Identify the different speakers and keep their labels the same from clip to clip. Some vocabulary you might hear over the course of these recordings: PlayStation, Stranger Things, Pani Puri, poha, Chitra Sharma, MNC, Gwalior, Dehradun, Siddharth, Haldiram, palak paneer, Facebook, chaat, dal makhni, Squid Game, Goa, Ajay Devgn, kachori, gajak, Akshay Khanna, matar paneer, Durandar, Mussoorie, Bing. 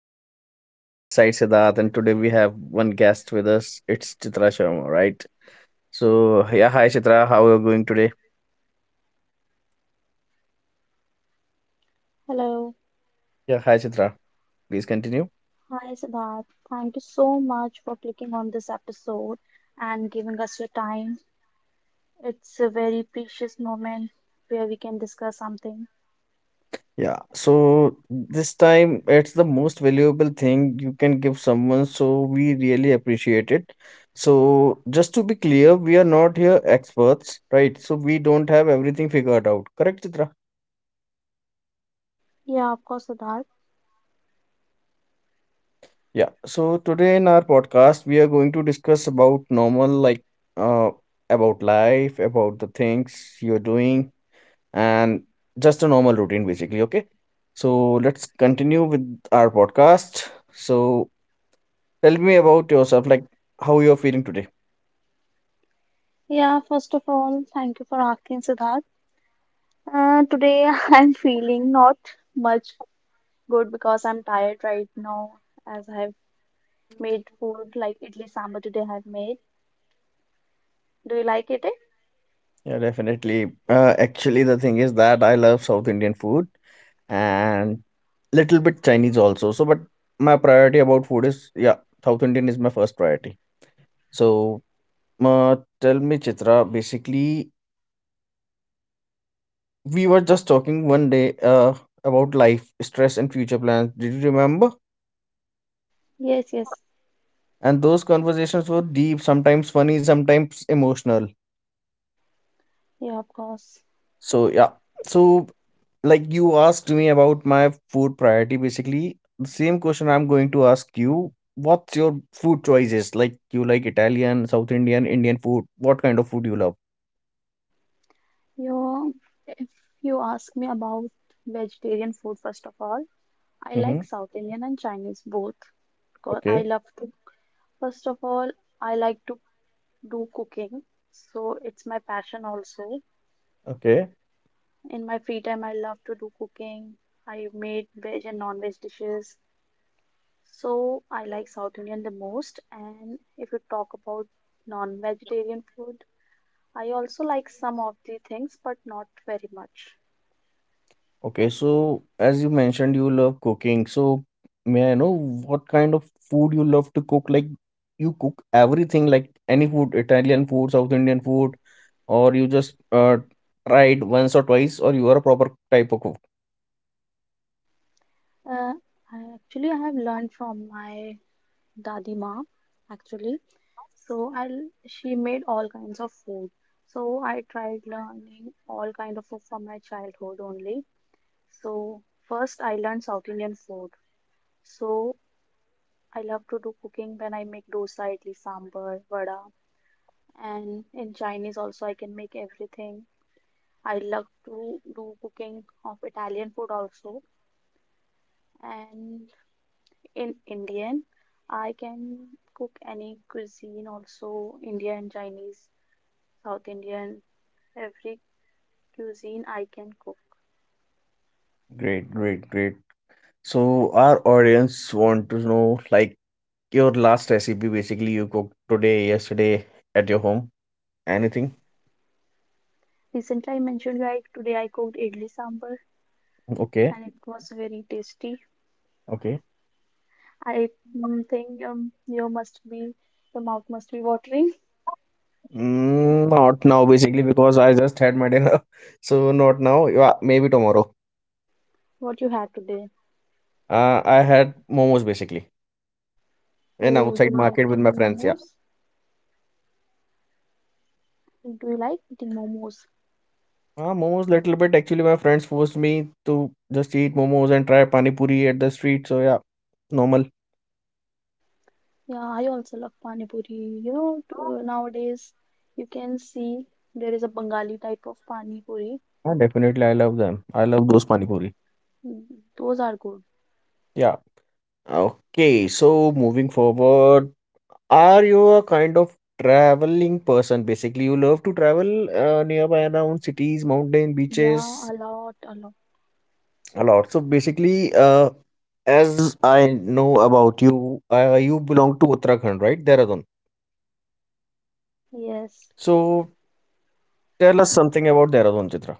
Speaker 1: podcast. This side Siddharth, and today we have one guest with us. It's Chitra Sharma, right? So yeah, hi Chitra, how are you going today?
Speaker 2: Hello.
Speaker 1: Yeah, hi Chitra. Please continue.
Speaker 2: Hi, Siddharth. Thank you so much for clicking on this episode and giving us your time. It's a very precious moment where we can discuss something.
Speaker 1: Yeah. So this time it's the most valuable thing you can give someone, so we really appreciate it. So just to be clear, we are not here experts, right? So we don't have everything figured out. Correct, Chitra?
Speaker 2: Yeah, of course, Siddharth.
Speaker 1: Yeah. So today in our podcast, we are going to discuss about normal, like uh, about life, about the things you're doing, and just a normal routine, basically. Okay. So let's continue with our podcast. So tell me about yourself, like how you're feeling today.
Speaker 2: Yeah, first of all, thank you for asking, Siddharth. Today I'm feeling not much good because I'm tired right now as I've made food like idli sambar today I've made. Do you like it? Eh?
Speaker 1: Yeah, definitely. Actually, the thing is that I love South Indian food and little bit Chinese also. So, but my priority about food is yeah, South Indian is my first priority. So, tell me, Chitra. Basically, we were just talking one day about life, stress, and future plans. Did you remember?
Speaker 2: Yes, yes.
Speaker 1: And those conversations were deep, sometimes funny, sometimes emotional.
Speaker 2: Yeah, of course.
Speaker 1: So, yeah. So, like you asked me about my food priority, basically, the same question I'm going to ask you. What's your food choices? Like, you like Italian, South Indian, Indian food? What kind of food you love?
Speaker 2: You, if you ask me about vegetarian food, first of all, I
Speaker 1: Mm-hmm.
Speaker 2: like South Indian and Chinese both because I
Speaker 1: Okay.
Speaker 2: love to. First of all, I like to do cooking, so it's my passion also.
Speaker 1: Okay.
Speaker 2: In my free time, I love to do cooking. I made veg and non-veg dishes, so I like South Indian the most. And if you talk about non-vegetarian food, I also like some of the things, but not very much.
Speaker 1: Okay, so as you mentioned, you love cooking. So may I know what kind of food you love to cook? Like you cook everything, like any food, Italian food, South Indian food, or you just tried once or twice, or you are a proper type of cook.
Speaker 2: Uh, I have learned from my dadi ma actually. She made all kinds of food. So I tried learning all kind of food from my childhood only. So first I learned South Indian food. So I love to do cooking when I make dosa, idli, sambar, vada, and in Chinese also I can make everything. I love to do cooking of Italian food also. And in Indian. I can cook any cuisine also Indian, Chinese, South Indian, every cuisine I can cook.
Speaker 1: Great, great, great. So our audience want to know like your last recipe basically you cooked today, yesterday at your home. Anything?
Speaker 2: Recently, I mentioned you today I cooked idli sambar
Speaker 1: Okay,
Speaker 2: and it was very tasty.
Speaker 1: okay.
Speaker 2: I think you must be your mouth must be watering.
Speaker 1: Not now, basically, because I just had my dinner. So not now. Yeah, maybe tomorrow.
Speaker 2: What you had today?
Speaker 1: I had momos basically in
Speaker 2: Oh, you
Speaker 1: outside
Speaker 2: like
Speaker 1: market with my
Speaker 2: eating
Speaker 1: friends. Yeah.
Speaker 2: momos? Do you like eating momos?
Speaker 1: Momos little bit. Actually, my friends forced me to just eat momos and try pani puri at the street. So yeah, normal.
Speaker 2: Yeah, I also love Pani Puri. Nowadays you can see there is a Bengali type of Pani Puri.
Speaker 1: Yeah, definitely, I love them. I love those pani puri.
Speaker 2: Mm, those are good.
Speaker 1: Yeah. Okay. So moving forward, are you a kind of traveling person? Basically, you love to travel nearby around cities, mountain,
Speaker 2: Yeah,
Speaker 1: beaches.
Speaker 2: a lot, a lot.
Speaker 1: A lot. So basically, as I know about you, you belong to Uttarakhand, right? Dehradun.
Speaker 2: Yes.
Speaker 1: So tell us something about Dehradun, Chitra.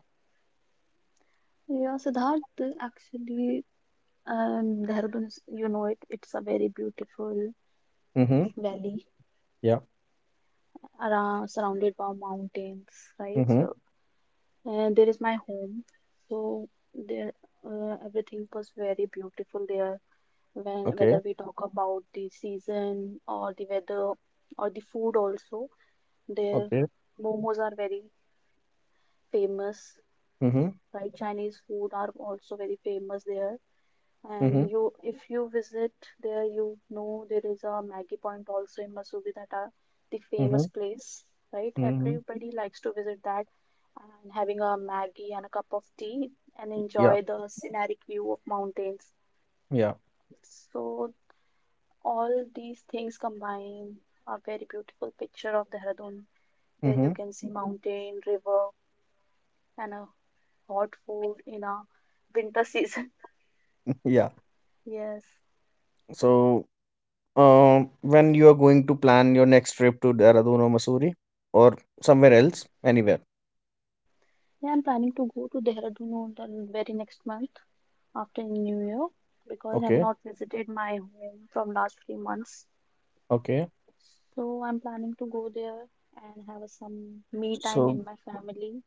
Speaker 2: Yeah, Siddharth, actually, Dehradun is, you know it, it's a very beautiful
Speaker 1: Mm-hmm.
Speaker 2: valley,
Speaker 1: Yeah.
Speaker 2: around, surrounded by mountains, right?
Speaker 1: Mm-hmm.
Speaker 2: So and there is my home so there, everything was very beautiful there when
Speaker 1: Okay.
Speaker 2: whether we talk about the season or the weather or the food also, their
Speaker 1: Okay.
Speaker 2: momos are very famous,
Speaker 1: Mm-hmm.
Speaker 2: right? Chinese food are also very famous there,
Speaker 1: Mm-hmm.
Speaker 2: and you, if you visit there, you know there is a Maggie Point also in Mussoorie, that are the
Speaker 1: Mm-hmm.
Speaker 2: famous place, right?
Speaker 1: Mm-hmm.
Speaker 2: Everybody likes to visit that and having a Maggie and a cup of tea and
Speaker 1: Yeah.
Speaker 2: enjoy the scenic view of mountains.
Speaker 1: Yeah.
Speaker 2: So all these things combine a very beautiful picture of Dehradun where you
Speaker 1: Mm-hmm.
Speaker 2: can see mountain, river, and a hot food in a winter season.
Speaker 1: Yeah.
Speaker 2: Yes.
Speaker 1: So, when you are going to plan your next trip to Dehradun or Mussoorie or somewhere else, anywhere.
Speaker 2: Yeah, I'm planning to go to Dehradun on the very next month after New Year because I've
Speaker 1: Okay.
Speaker 2: not visited my home from last 3 months.
Speaker 1: Okay.
Speaker 2: So I'm planning to go there and have some me time
Speaker 1: So
Speaker 2: in my family.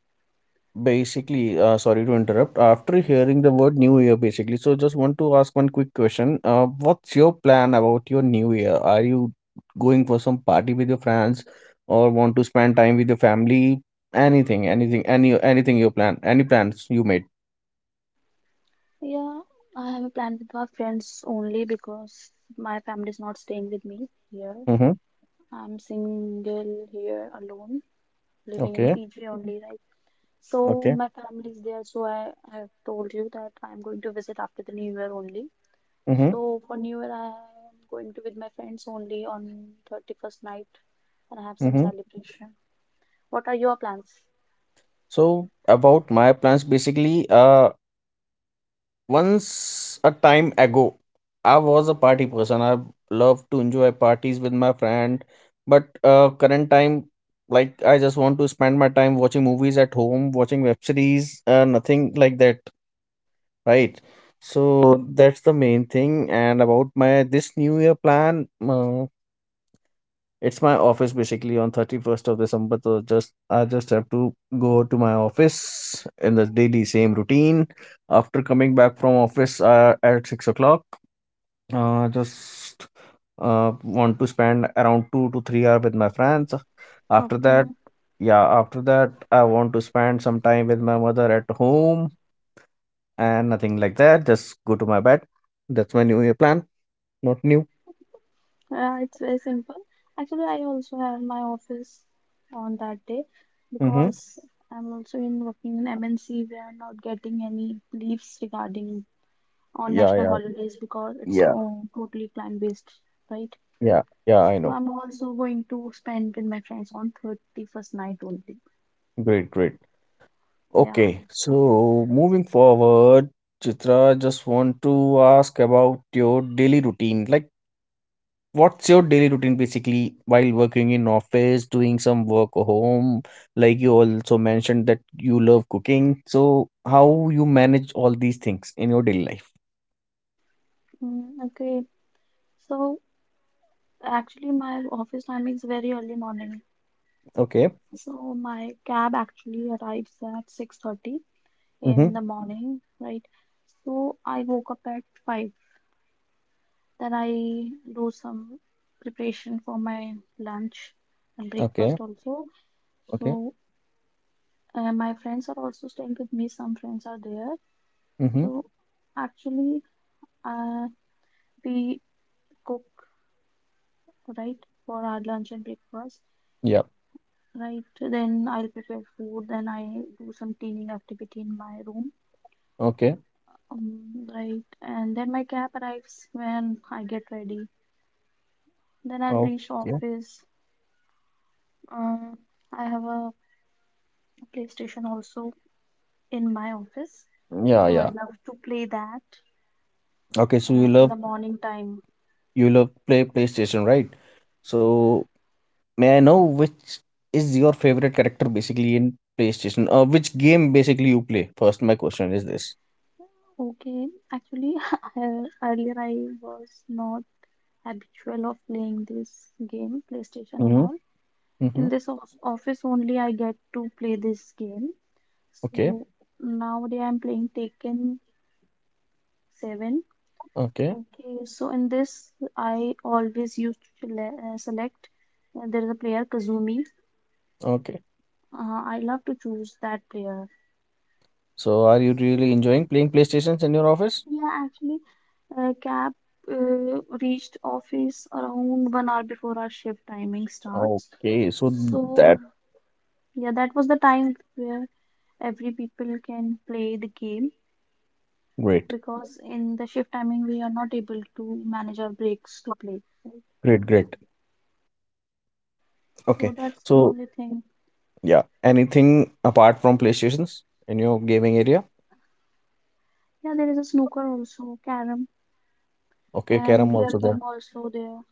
Speaker 1: basically, sorry to interrupt. After hearing the word New Year, basically, so just want to ask one quick question. What's your plan about your New Year? Are you going for some party with your friends, or want to spend time with your family? Anything, anything you plan, any plans you made?
Speaker 2: Yeah, I have a plan with my friends only because my family is not staying with me here.
Speaker 1: Mm-hmm.
Speaker 2: I'm single here alone, living in
Speaker 1: Okay,
Speaker 2: PG only, right? So
Speaker 1: okay.
Speaker 2: my family is there, so I have told you that I'm going to visit after the new year only.
Speaker 1: Mm-hmm.
Speaker 2: So for New Year, I am going to with my friends only on 31st night and have some
Speaker 1: Mm-hmm.
Speaker 2: celebration. What are your plans?
Speaker 1: So about my plans, basically, once a time ago, I was a party person. I love to enjoy parties with my friend, but current time, like I just want to spend my time watching movies at home, watching web series, nothing like that, right? So that's the main thing. And about my this new year plan, it's my office basically on 31st of December. So just I just have to go to my office in the daily same routine. After coming back from office at 6 o'clock, just want to spend around 2 to 3 hours with my friends. After that, yeah, after that I want to spend some time with my mother at home and nothing like that. Just go to my bed. That's my New Year plan. Not new.
Speaker 2: It's very simple. Actually, I also have my office on that day
Speaker 1: Mm-hmm.
Speaker 2: because I'm also in working in MNC. We are not getting any leaves regarding on
Speaker 1: Yeah,
Speaker 2: national
Speaker 1: yeah,
Speaker 2: holidays because it's
Speaker 1: yeah,
Speaker 2: all totally client based, right?
Speaker 1: yeah, yeah, I
Speaker 2: So
Speaker 1: know.
Speaker 2: I'm also going to spend with my friends on 31st night only.
Speaker 1: Great, great.
Speaker 2: Yeah.
Speaker 1: Okay, so moving forward, Chitra, just want to ask about your daily routine. Like, what's your daily routine basically while working in office, doing some work home? Like you also mentioned that you love cooking. So how you manage all these things in your daily life?
Speaker 2: Mm, okay. So actually, my office timing is very early morning.
Speaker 1: Okay.
Speaker 2: So my cab actually arrives at 6:30 a.m. in
Speaker 1: Mm-hmm.
Speaker 2: the morning, right? So I woke up at 5. Then I do some preparation for my lunch and
Speaker 1: Okay.
Speaker 2: breakfast also.
Speaker 1: Okay.
Speaker 2: So my friends are also staying with me. Some friends are there.
Speaker 1: Mm-hmm.
Speaker 2: So actually, uh, we cook, right, for our lunch and breakfast.
Speaker 1: Yeah.
Speaker 2: Right, then I'll prepare food, then I do some cleaning activity in my room.
Speaker 1: Okay.
Speaker 2: Right, and then my cab arrives when I get ready. Then I'll reach
Speaker 1: Okay.
Speaker 2: office. Uh, I have a PlayStation also in my office,
Speaker 1: Yeah,
Speaker 2: so I
Speaker 1: yeah.
Speaker 2: love to play that
Speaker 1: Okay, so you
Speaker 2: in the
Speaker 1: love
Speaker 2: morning time.
Speaker 1: you love play PlayStation, right? So may I know which is your favorite character basically in PlayStation? Or which game basically you play? First, my question is this.
Speaker 2: Okay, actually, earlier I was not habitual of playing this game, PlayStation and
Speaker 1: Mm-hmm.
Speaker 2: all,
Speaker 1: Mm-hmm.
Speaker 2: in this office only I get to play this game.
Speaker 1: Okay.
Speaker 2: So nowadays I'm playing Taken 7.
Speaker 1: Okay.
Speaker 2: Okay, so in this I always used to select there is a player Kazumi.
Speaker 1: Okay.
Speaker 2: I love to choose that player.
Speaker 1: So, are you really
Speaker 2: So
Speaker 1: enjoying playing PlayStations in your office?
Speaker 2: yeah, actually, cab reached office around 1 hour before our shift timing starts.
Speaker 1: Okay. So
Speaker 2: So
Speaker 1: that
Speaker 2: yeah, that was the time where every people can play the game
Speaker 1: great.
Speaker 2: because in the shift timing we are not able to manage our breaks to play. Right?
Speaker 1: Great. Great.
Speaker 2: So
Speaker 1: Okay.
Speaker 2: that's the
Speaker 1: So
Speaker 2: only thing.
Speaker 1: yeah. Anything apart from PlayStations in your gaming area?
Speaker 2: Yeah, there is a snooker also, carom,
Speaker 1: Okay,
Speaker 2: and
Speaker 1: carom
Speaker 2: VR
Speaker 1: also there.
Speaker 2: game also there.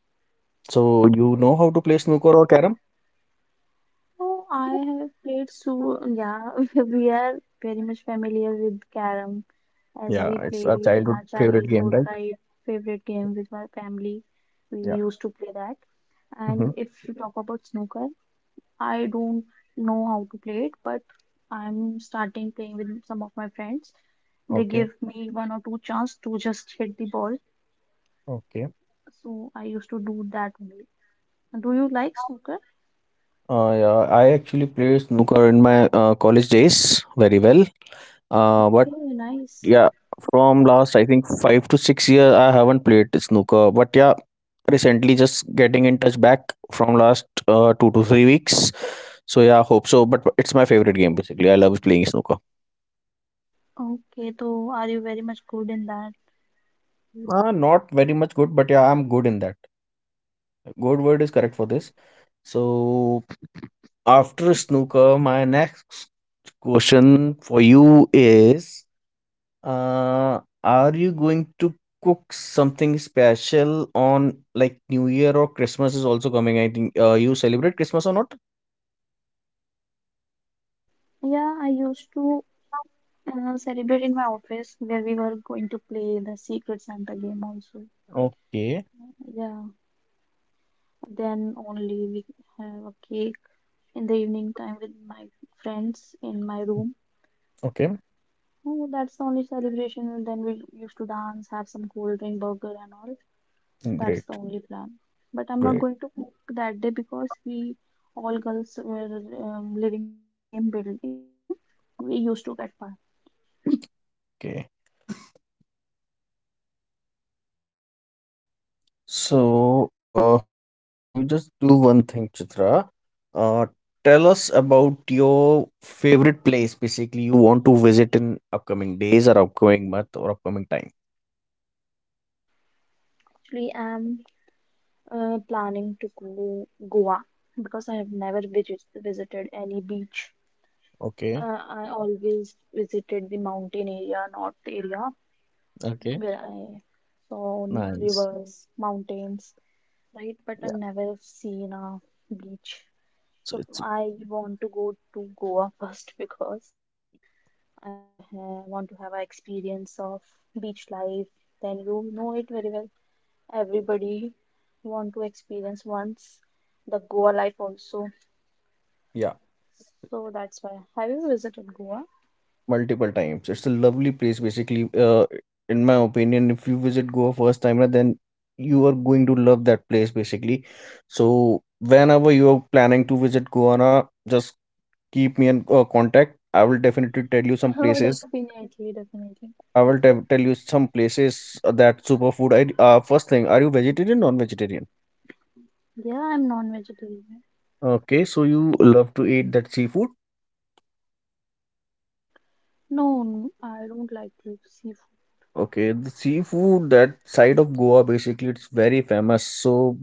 Speaker 1: So you know how to play snooker or carom?
Speaker 2: Oh, I have played, so yeah, we are very much familiar with carom as
Speaker 1: Yeah,
Speaker 2: we
Speaker 1: it's
Speaker 2: play
Speaker 1: our
Speaker 2: it in
Speaker 1: childhood
Speaker 2: our
Speaker 1: favorite game,
Speaker 2: childhood,
Speaker 1: right?
Speaker 2: right? Favorite game with our family. We
Speaker 1: Yeah.
Speaker 2: used to play that.
Speaker 1: Mm-hmm.
Speaker 2: And if you talk about snooker, I don't know how to play it, but I'm starting playing with some of my friends. They
Speaker 1: Okay.
Speaker 2: give me one or two chance to just hit the ball.
Speaker 1: Okay.
Speaker 2: So I used to do that only. Do you like snooker?
Speaker 1: Yeah, I actually played snooker in my college days very well. But
Speaker 2: Okay, nice.
Speaker 1: yeah, from last I think 5 to 6 years, I haven't played snooker. But yeah, recently just getting in touch back from last 2 to 3 weeks. So yeah, hope so. But it's my favorite game basically. I love playing snooker.
Speaker 2: Okay, so are you very much good in that?
Speaker 1: Not very much good, but yeah, I'm good in that. Good word is correct for this. So after snooker, my next question for you is. Are you going to cook something special on like New Year or Christmas is also coming? I think you celebrate Christmas or not?
Speaker 2: Yeah, I used to celebrate in my office where we were going to play the Secret Santa game also.
Speaker 1: Okay,
Speaker 2: Yeah, then only we have a cake in the evening time with my friends in my room.
Speaker 1: okay,
Speaker 2: Oh, that's the only celebration. And then we used to dance, have some cold drink, burger, and all. That's the
Speaker 1: great,
Speaker 2: only plan. But I'm not
Speaker 1: great.
Speaker 2: going to cook that day because we all girls were living in our same building. We used to get fun.
Speaker 1: Okay, so you just do one thing, Chitra. Uh, Tell us about your favorite place basically you want to visit in upcoming days or upcoming month or upcoming time.
Speaker 2: Actually, I'm planning to go Goa because I have never visited any beach.
Speaker 1: Okay,
Speaker 2: I always visited the mountain area, north area,
Speaker 1: okay,
Speaker 2: where I saw
Speaker 1: nice.
Speaker 2: rivers, mountains. Right? But I
Speaker 1: Yeah,
Speaker 2: never seen a beach.
Speaker 1: so
Speaker 2: So
Speaker 1: it's
Speaker 2: I want to go to Goa first because I uh, want to have an experience of beach life. Then you know it very well. Everybody want to experience once the Goa life also.
Speaker 1: yeah.
Speaker 2: So that's why. Have you visited Goa?
Speaker 1: Multiple times. It's a lovely place, basically. In my opinion, if you visit Goa first time, na, then you are going to love that place, basically. So whenever you are planning to visit Goa, na, just keep me in contact. I will definitely tell you some
Speaker 2: Oh,
Speaker 1: places.
Speaker 2: definitely, definitely.
Speaker 1: I will te tell you some places that superfood. I first thing, are you vegetarian, non-vegetarian?
Speaker 2: Yeah, I'm non-vegetarian.
Speaker 1: Okay, so you love to eat that seafood.
Speaker 2: No, I don't like the seafood.
Speaker 1: Okay, the seafood that side of Goa basically it's very famous. So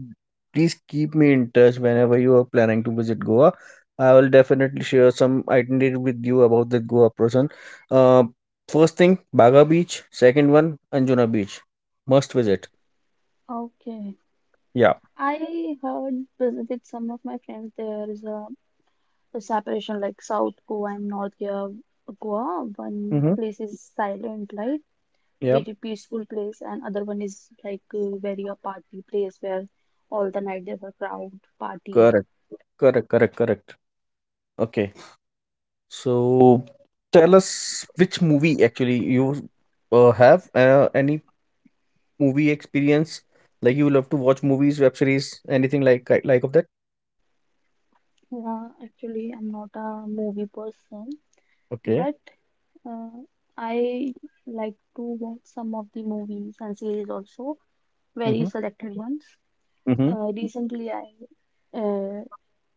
Speaker 1: please keep me in touch whenever you are planning to visit Goa. I will definitely share some itinerary with you about the Goa person. Uh, First thing, Baga Beach. Second one, Anjuna Beach. Must visit.
Speaker 2: Okay.
Speaker 1: Yeah.
Speaker 2: I heard with some of my friends there is a separation like South Goa and North Goa. Goa. One
Speaker 1: Mm-hmm.
Speaker 2: place is silent, like
Speaker 1: Yeah.
Speaker 2: very peaceful place, and other one is like very a party place where all the night there's a crowd party.
Speaker 1: Correct. Correct. Correct. Correct. Okay. So tell us which movie actually you have any movie experience? Like you love to watch movies, web series, anything like of that?
Speaker 2: Yeah, actually, I'm not a movie person,
Speaker 1: Okay.
Speaker 2: but uh, I like to watch some of the movies and series also, very
Speaker 1: Mm-hmm.
Speaker 2: selected ones.
Speaker 1: Mm-hmm.
Speaker 2: Recently, I uh,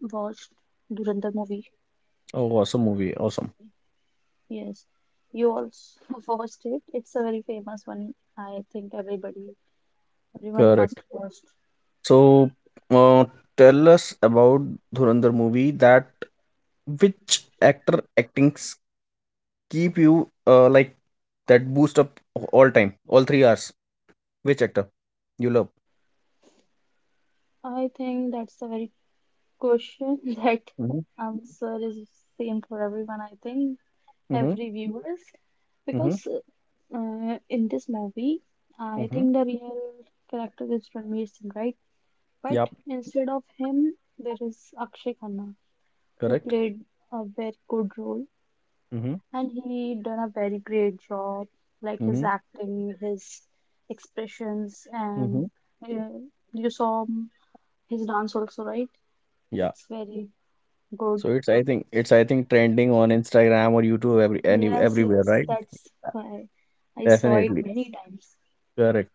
Speaker 2: watched Durandar movie.
Speaker 1: Oh, awesome movie. Awesome.
Speaker 2: Yes, you also watched it. It's a very famous one. I think everybody, Everyone must
Speaker 1: Correct.
Speaker 2: watch.
Speaker 1: So, uh, tell us about Dhurandhar movie. That which actor actings keep you like that boost up all time, all 3 hours. Which actor you love?
Speaker 2: I think that's the very question that
Speaker 1: Mm-hmm.
Speaker 2: answer is same for everyone. I think
Speaker 1: Mm-hmm.
Speaker 2: every viewers
Speaker 1: Mm-hmm.
Speaker 2: because in this movie, I
Speaker 1: Mm-hmm.
Speaker 2: think the real character is Ranveer Singh, right? But
Speaker 1: Yep.
Speaker 2: instead of him, there is Akshay Khanna. Who
Speaker 1: Correct.
Speaker 2: played a very good role
Speaker 1: Mm-hmm.
Speaker 2: and he done a very great job, like his
Speaker 1: Mm-hmm.
Speaker 2: acting, his expressions and,
Speaker 1: Mm-hmm.
Speaker 2: uh, you saw his dance also, right?
Speaker 1: Yeah.
Speaker 2: It's very good.
Speaker 1: So it's I think trending on Instagram or YouTube
Speaker 2: Yes,
Speaker 1: everywhere,
Speaker 2: yes,
Speaker 1: right?
Speaker 2: that's why I saw it
Speaker 1: Definitely.
Speaker 2: many times.
Speaker 1: Correct.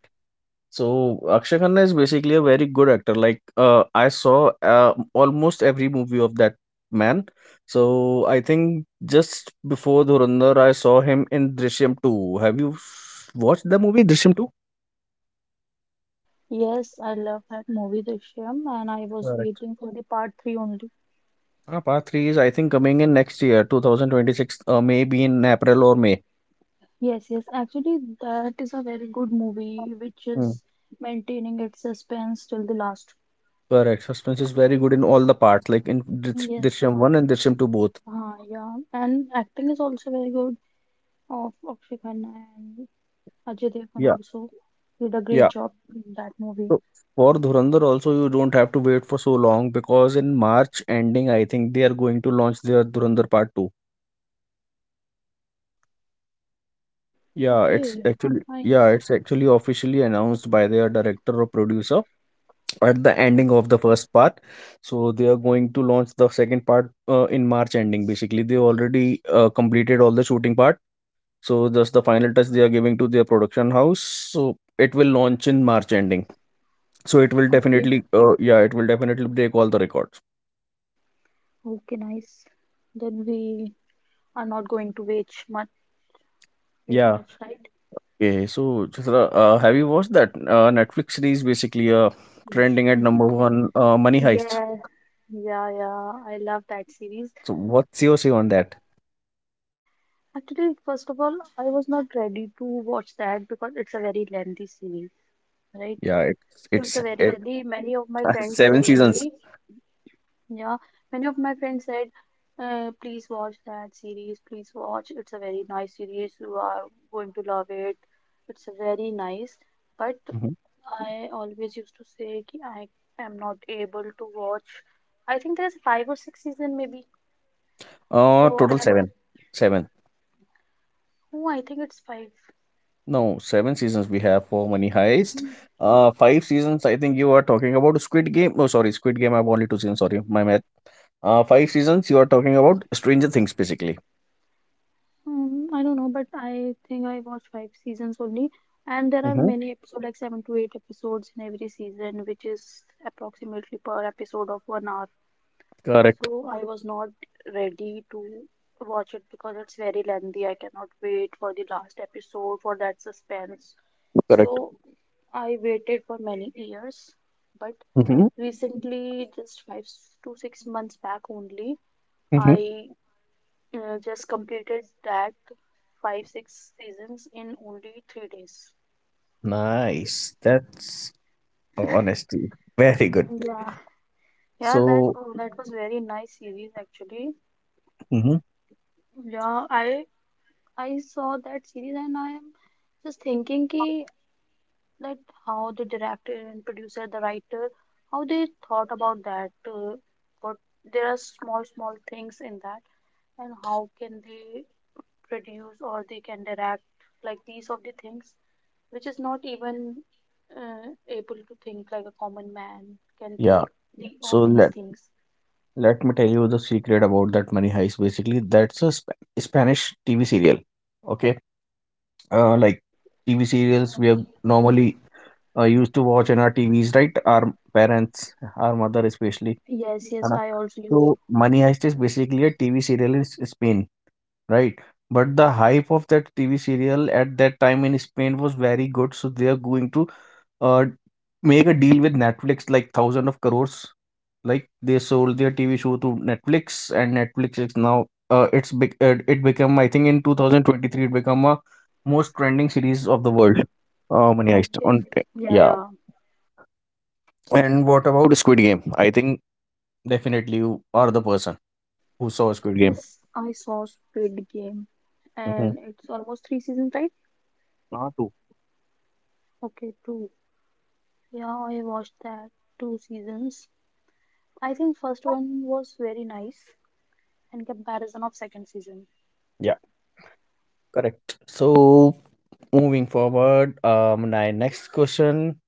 Speaker 1: So Akshay Khanna is basically a very good actor. Like I saw almost every movie of that man. So I think just before Dhurandhar, I saw him in Drishyam 2. Have you watched the movie Drishyam 2?
Speaker 2: Yes, I love that movie Drishyam and I was
Speaker 1: Correct.
Speaker 2: waiting for the part 3 only.
Speaker 1: Ah, part 3 is I think coming in next year, 2026, maybe in April or May.
Speaker 2: Yes, yes. Actually, that is a very good movie, which is maintaining its suspense till the last.
Speaker 1: Correct. Suspense is very good in all the parts, like in
Speaker 2: Yes,
Speaker 1: Drishyam 1 and Drishyam 2 both.
Speaker 2: Yeah, and acting is also very good of Akshay Khanna and Ajay Devgn
Speaker 1: Yeah.
Speaker 2: also did a great
Speaker 1: Yeah.
Speaker 2: job in that movie.
Speaker 1: So for Dhurandhar also you don't have to wait for so long because in March ending I think they are going to launch their Dhurandhar Part 2. Yeah, it's
Speaker 2: Okay,
Speaker 1: actually yeah,
Speaker 2: nice.
Speaker 1: it's actually officially announced by their director or producer at the ending of the first part. So they are going to launch the second part in March ending basically. They already completed all the shooting part, so just the final touch they are giving to their production house, so it will launch in March ending. So it will
Speaker 2: Okay,
Speaker 1: definitely uh, yeah it will definitely break all the records.
Speaker 2: okay, nice. Then we are not going to wait much,
Speaker 1: Yeah,
Speaker 2: right?
Speaker 1: okay, so Chitra, have you watched that Netflix series basically trending at number one, Money Heist?
Speaker 2: Yeah, yeah, yeah. I love that series.
Speaker 1: So what's your say on that?
Speaker 2: Actually, first of all, I was not ready to watch that because it's a very lengthy series, right?
Speaker 1: Yeah,
Speaker 2: So it's a very
Speaker 1: it,
Speaker 2: lengthy. Many of my friends
Speaker 1: seven
Speaker 2: said
Speaker 1: seasons.
Speaker 2: me. Yeah, many of my friends said, please watch that series, please watch. It's a very nice series. You are going to love it. It's a very nice. But
Speaker 1: Mhm.
Speaker 2: I always used to say ki I am not able to watch. I think there's five or six season maybe. So
Speaker 1: Total
Speaker 2: and
Speaker 1: seven.
Speaker 2: oh, I think it's five.
Speaker 1: No, seven seasons we have for Money Heist. Five seasons. I think you are talking about Squid Game. Oh, sorry, Squid Game. I have only two seasons. Sorry, my math. Five seasons. You are talking about Stranger Things, basically.
Speaker 2: I don't know, but I think I watched five seasons only. And there are
Speaker 1: Mm-hmm.
Speaker 2: many episodes, like seven to eight episodes in every season, which is approximately per episode of 1 hour.
Speaker 1: Correct.
Speaker 2: So I was not ready to watch it because it's very lengthy. I cannot wait for the last episode for that suspense.
Speaker 1: Correct.
Speaker 2: So I waited for many years, but
Speaker 1: Mm-hmm.
Speaker 2: recently, just five s- to 6 months back only,
Speaker 1: Mm-hmm.
Speaker 2: I just completed that five, six seasons in only 3 days.
Speaker 1: Nice. That's honesty. Very good.
Speaker 2: Yeah. Yeah, that
Speaker 1: So,
Speaker 2: that was very nice series actually.
Speaker 1: mm-hmm.
Speaker 2: Yeah, I saw that series and I am just thinking ki, that how the director and producer, the writer, how they thought about that. What There are small, small things in that, and how can they produce or they can direct like these of the things, which is not even able to think like a common man can
Speaker 1: Yeah.
Speaker 2: think the, of
Speaker 1: So
Speaker 2: these
Speaker 1: let
Speaker 2: things.
Speaker 1: let me tell you the secret about that Money Heist. Basically, that's a Spanish TV serial. Okay. Like TV serials we have
Speaker 2: Okay.
Speaker 1: normally used to watch in our TVs, right? Our parents, our mother especially.
Speaker 2: Yes,
Speaker 1: है
Speaker 2: yes,
Speaker 1: ना?
Speaker 2: I also used.
Speaker 1: So Money Heist is basically a TV serial in Spain, right? But the hype of that TV serial at that time in Spain was very good, so they are going to uh, make a deal with Netflix like thousand of crores. Like they sold their TV show to Netflix, and Netflix is now it's big. It became, I think in 2023 it became a most trending series of the world. Money Heist
Speaker 2: Okay.
Speaker 1: on,
Speaker 2: Yeah,
Speaker 1: yeah.
Speaker 2: yeah.
Speaker 1: And what about Squid Game? I think definitely you are the person who saw Squid Game.
Speaker 2: Yes, I saw Squid Game,
Speaker 1: Mm-hmm.
Speaker 2: and it's almost three seasons, right?
Speaker 1: Not too.
Speaker 2: Okay, two. Yeah, I watched that two seasons. I think first one was very nice in comparison of second season.
Speaker 1: Yeah, correct. So moving forward, my next question.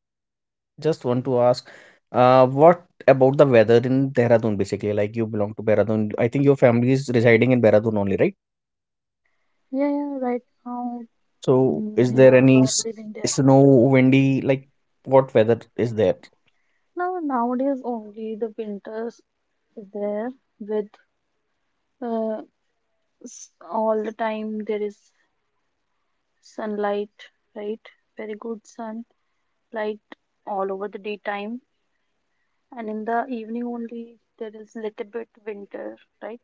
Speaker 1: Just want to ask, what about the weather in Dehradun? Basically, like you belong to Dehradun. I think your family is residing in Dehradun only, right?
Speaker 2: Yeah, yeah, right now
Speaker 1: So is
Speaker 2: they
Speaker 1: there
Speaker 2: are
Speaker 1: any
Speaker 2: not living there.
Speaker 1: snow, windy, like what weather is there?
Speaker 2: Now nowadays only the winters is there with uh, all the time there is sunlight, right? Very good sun light all over the daytime, and in the evening only there is little bit winter, right?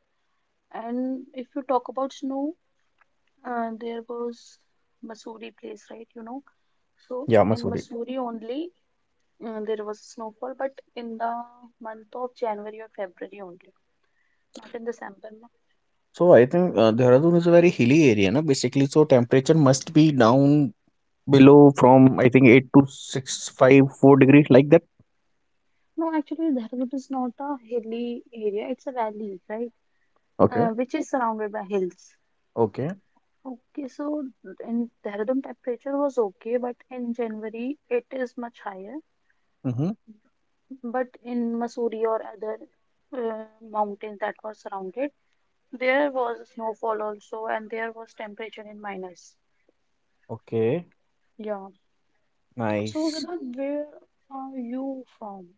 Speaker 2: And if you talk about snow, there was Mussoorie place, right, you know? So
Speaker 1: Yeah,
Speaker 2: in
Speaker 1: Masood.
Speaker 2: Mussoorie only there was snowfall, but in the month of January or February only, not in December, no.
Speaker 1: So I think Dehradun is a very hilly area, na? Basically, so temperature must be down below from, I think, 8 to 6, 5, 4 degrees like that.
Speaker 2: No, actually Dehradun is not a hilly area, it's a valley, right? Uh,
Speaker 1: Okay.
Speaker 2: which is surrounded by hills.
Speaker 1: Okay.
Speaker 2: Okay, so in Dehradun temperature was okay, but in January it is much higher.
Speaker 1: Mm-hmm.
Speaker 2: But in Mussoorie or other mountains that were surrounded, there was snowfall also, and there was temperature in minus.
Speaker 1: Okay.
Speaker 2: Yeah. So,
Speaker 1: Nice.
Speaker 2: Siddhant, where are you from?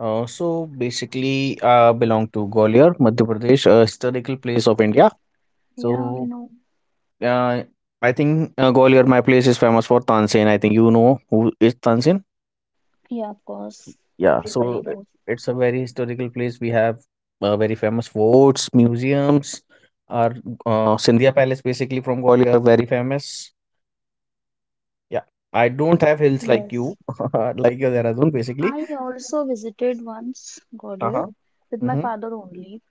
Speaker 1: So basically, belong to Gwalior, Madhya Pradesh, a historical place of India.
Speaker 2: Yeah, I
Speaker 1: So
Speaker 2: know.
Speaker 1: uh, I think Gwalior, my place is famous for Tansen. I think you know who is Tansen.
Speaker 2: Yeah, of course.
Speaker 1: Yeah, so
Speaker 2: Everybody knows.
Speaker 1: it's a very historical place. We have very famous forts, museums. Our Scindia Palace, basically from Gwalior, are very famous. Yeah, I don't have hills like
Speaker 2: Yes.
Speaker 1: you, like your Dehradun, basically.
Speaker 2: I also visited once Gwalior
Speaker 1: Uh-huh.
Speaker 2: with my
Speaker 1: Mm-hmm.
Speaker 2: father only.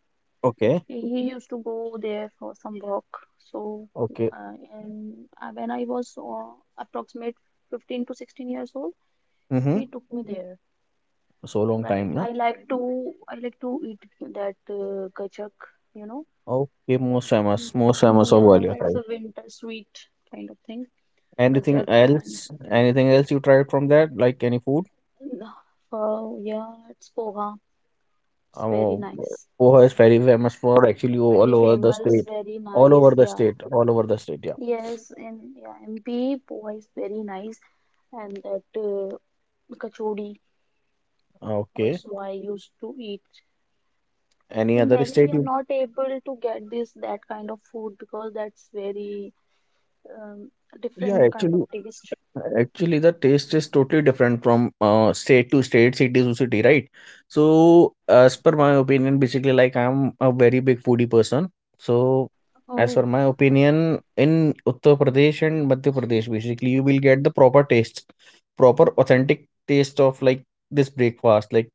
Speaker 1: Okay.
Speaker 2: He used to go there for some work. So,
Speaker 1: Okay.
Speaker 2: and when I was approximate 15 to 16 years old,
Speaker 1: Mm-hmm.
Speaker 2: he took me there.
Speaker 1: So long time,
Speaker 2: Right.
Speaker 1: na?
Speaker 2: I like to eat that gajak, you know.
Speaker 1: Okay, most famous of
Speaker 2: Yeah,
Speaker 1: Gwalior.
Speaker 2: it's
Speaker 1: Right.
Speaker 2: a winter sweet kind of thing.
Speaker 1: Anything
Speaker 2: Gajak and
Speaker 1: else? Anything else you tried from that? Like any food?
Speaker 2: oh yeah, it's poha. It's very
Speaker 1: Um,
Speaker 2: nice.
Speaker 1: Poha is very famous for actually all
Speaker 2: Very
Speaker 1: over the
Speaker 2: famous,
Speaker 1: state,
Speaker 2: very
Speaker 1: all over
Speaker 2: nice.
Speaker 1: the
Speaker 2: Yeah.
Speaker 1: state, all over the state. Yeah.
Speaker 2: MP poha is very nice, and that kachori
Speaker 1: Okay.
Speaker 2: also I used to eat.
Speaker 1: Any
Speaker 2: In
Speaker 1: other
Speaker 2: Delhi, we
Speaker 1: state?
Speaker 2: are
Speaker 1: You,
Speaker 2: not able to get this that kind of food because that's very um,
Speaker 1: yeah,
Speaker 2: different kind of
Speaker 1: actually,
Speaker 2: taste.
Speaker 1: actually, the taste is totally different from state to state, city to city, right? So, as per my opinion, basically, like I'm a very big foodie person. So, as per
Speaker 2: Oh,
Speaker 1: my opinion, in Uttar Pradesh and Madhya Pradesh, basically, you will get the proper taste, proper authentic taste of like this breakfast, like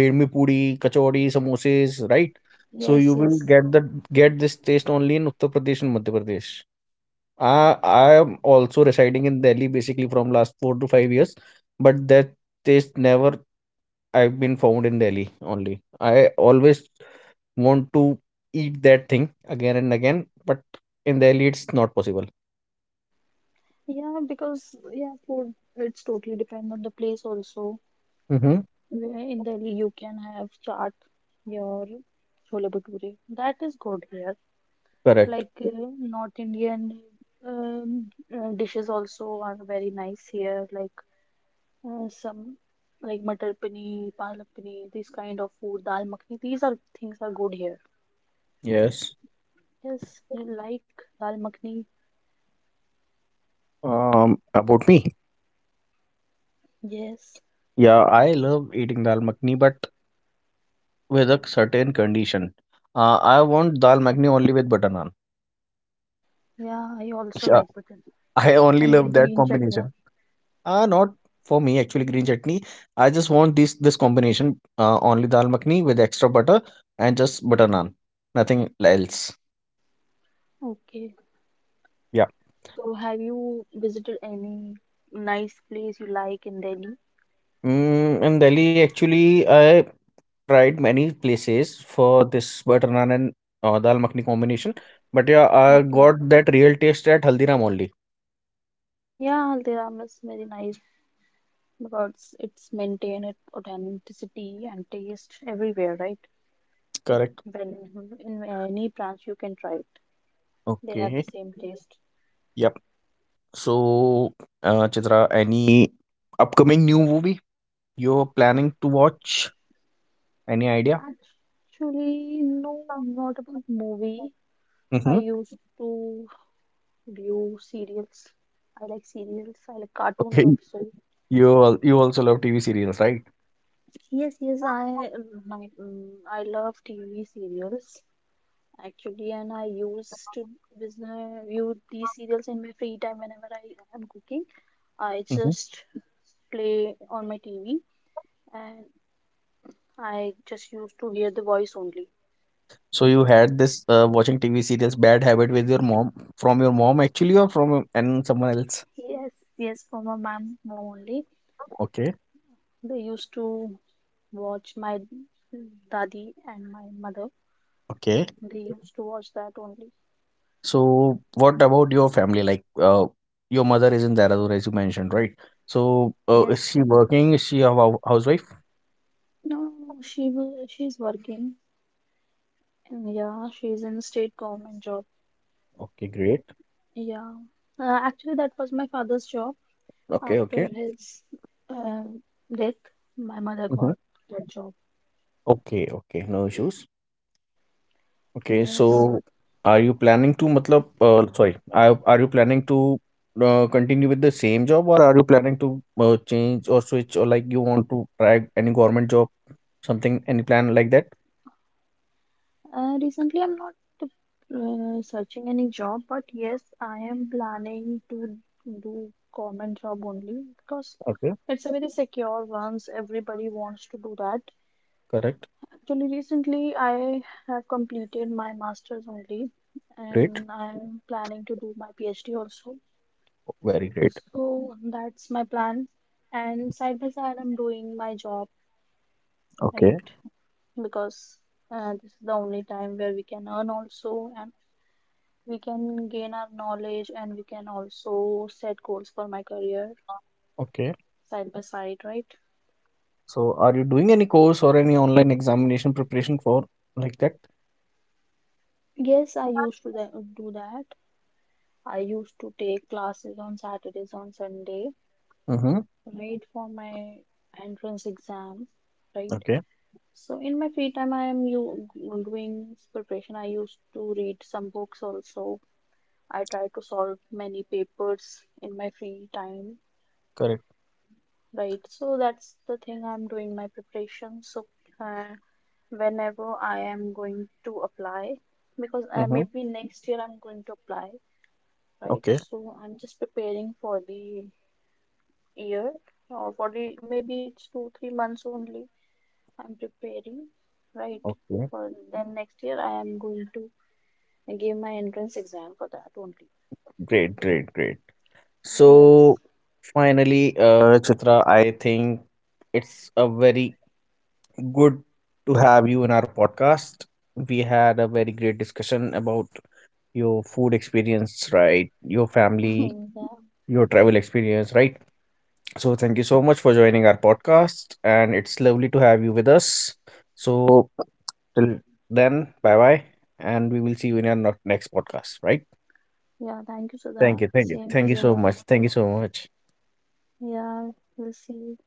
Speaker 1: bedmi puri, kachori, samosas, right? So you
Speaker 2: yes,
Speaker 1: will
Speaker 2: yes.
Speaker 1: get the get this taste only in Uttar Pradesh and Madhya Pradesh. I am also residing in Delhi basically from last 4 to 5 years, but that taste never I've been found in Delhi only. I always want to eat that thing again and again, but in Delhi it's not possible.
Speaker 2: Yeah, because yeah, food it's totally depend on the place also.
Speaker 1: Mm-hmm.
Speaker 2: Where in Delhi you can have chaat, your chole bhature. That is good here.
Speaker 1: Correct.
Speaker 2: Like North Indian dishes also are very nice here. Uh, some like matar paneer, palak paneer, these kind of food, dal makhni. These are things are good here.
Speaker 1: Yes.
Speaker 2: Yes, you like dal makhni.
Speaker 1: About me.
Speaker 2: Yes.
Speaker 1: Yeah, I love eating dal makhni, but with a certain condition. I want dal makhni only with butter naan.
Speaker 2: Yeah, I also
Speaker 1: Yeah,
Speaker 2: like button
Speaker 1: I only
Speaker 2: and with
Speaker 1: love that
Speaker 2: green chutney.
Speaker 1: combination. Not for me actually green chutney. I just want this combination only dal makhni with extra butter and just butter naan. Nothing else.
Speaker 2: Okay.
Speaker 1: Yeah.
Speaker 2: So have you visited any nice place you like in Delhi?
Speaker 1: Mm, in Delhi actually I tried many places for this butter naan and dal makhni combination. But yeah, I
Speaker 2: Okay.
Speaker 1: got that real taste at Haldiram only.
Speaker 2: Yeah, there are miss very nice because it's maintain it authenticity and taste everywhere, right?
Speaker 1: Correct.
Speaker 2: When in any branch you can try it, they have the
Speaker 1: Okay.
Speaker 2: same taste.
Speaker 1: Yep. So, Chitra, any upcoming new movie you're planning to watch? Any idea?
Speaker 2: Actually, no, not about movie. I
Speaker 1: Mm-hmm.
Speaker 2: used to view serials. I like serials. I like cartoons
Speaker 1: Okay.
Speaker 2: also.
Speaker 1: You also love TV serials, right?
Speaker 2: Yes, yes, I I love TV serials actually, and I used to view these serials in my free time whenever I am cooking. I
Speaker 1: Mhm.
Speaker 2: just play on my TV, and I just used to hear the voice only.
Speaker 1: So you had this watching TV serials bad habit with your mom, from your mom actually, or from and someone else?
Speaker 2: Yes, yes, for my mom only.
Speaker 1: Okay,
Speaker 2: They used to watch my daddy and my mother.
Speaker 1: okay.
Speaker 2: They used to watch that only.
Speaker 1: So what about your family? Like your mother is in Dehradun as you mentioned, right? So is
Speaker 2: Yes.
Speaker 1: she working? Is she a housewife?
Speaker 2: No, no, no, she will. She's working. And yeah, she's in state government job.
Speaker 1: Okay, great.
Speaker 2: Yeah. Actually, that was my father's job.
Speaker 1: Okay,
Speaker 2: After
Speaker 1: okay.
Speaker 2: his uh, death, my mother
Speaker 1: Mhm.
Speaker 2: got that job.
Speaker 1: Okay, okay, no issues. Okay,
Speaker 2: Yes.
Speaker 1: so are you planning to, matlab, sorry, are you planning to continue with the same job, or are you planning to change or switch, or like you want to try any government job, something, any plan like that?
Speaker 2: Recently, I'm not searching any job, but yes, I am planning to do government job only because
Speaker 1: Okay,
Speaker 2: it's a very secure one. Everybody wants to do that.
Speaker 1: correct.
Speaker 2: Actually, recently I have completed my master's only,
Speaker 1: Great.
Speaker 2: and I'm planning to do my PhD also.
Speaker 1: Very great.
Speaker 2: So that's my plan. And side by side, I'm doing my job,
Speaker 1: Okay.
Speaker 2: right? Because this is the only time where we can earn also, and we can gain our knowledge and we can also set goals for my career
Speaker 1: Okay.
Speaker 2: side by side, right?
Speaker 1: So are you doing any course or any online examination preparation for like that?
Speaker 2: Yes, I used to do that. I used to take classes on Saturdays, on Sunday,
Speaker 1: Mm-hmm.
Speaker 2: right, for my entrance exam, right?
Speaker 1: Okay.
Speaker 2: So in my free time I am doing preparation. I used to read some books also. I try to solve many papers in my free time.
Speaker 1: Correct.
Speaker 2: Right, so that's the thing I'm doing my preparation. So, uh, whenever I am going to apply, because
Speaker 1: Mm-hmm.
Speaker 2: maybe next year I'm going to apply, right?
Speaker 1: Okay.
Speaker 2: So, I'm just preparing for the year, or for the maybe it's two, 3 months only. I'm preparing, right?
Speaker 1: Okay.
Speaker 2: For then next year, I am going to give my entrance exam for that only.
Speaker 1: Great, great, great. So
Speaker 2: Yes,
Speaker 1: finally, Chitra, I think it's a very good to have you in our podcast. We had a very great discussion about your food experience, right? Your family,
Speaker 2: yeah,
Speaker 1: your travel experience, right? So thank you so much for joining our podcast, and it's lovely to have you with us. So till then, bye bye, and we will see you in our next podcast, right?
Speaker 2: yeah, thank you,
Speaker 1: Thank
Speaker 2: Siddharth.
Speaker 1: you, thank you,
Speaker 2: Same
Speaker 1: thank you so
Speaker 2: here.
Speaker 1: much, thank you so much.
Speaker 2: Yeah, we'll see.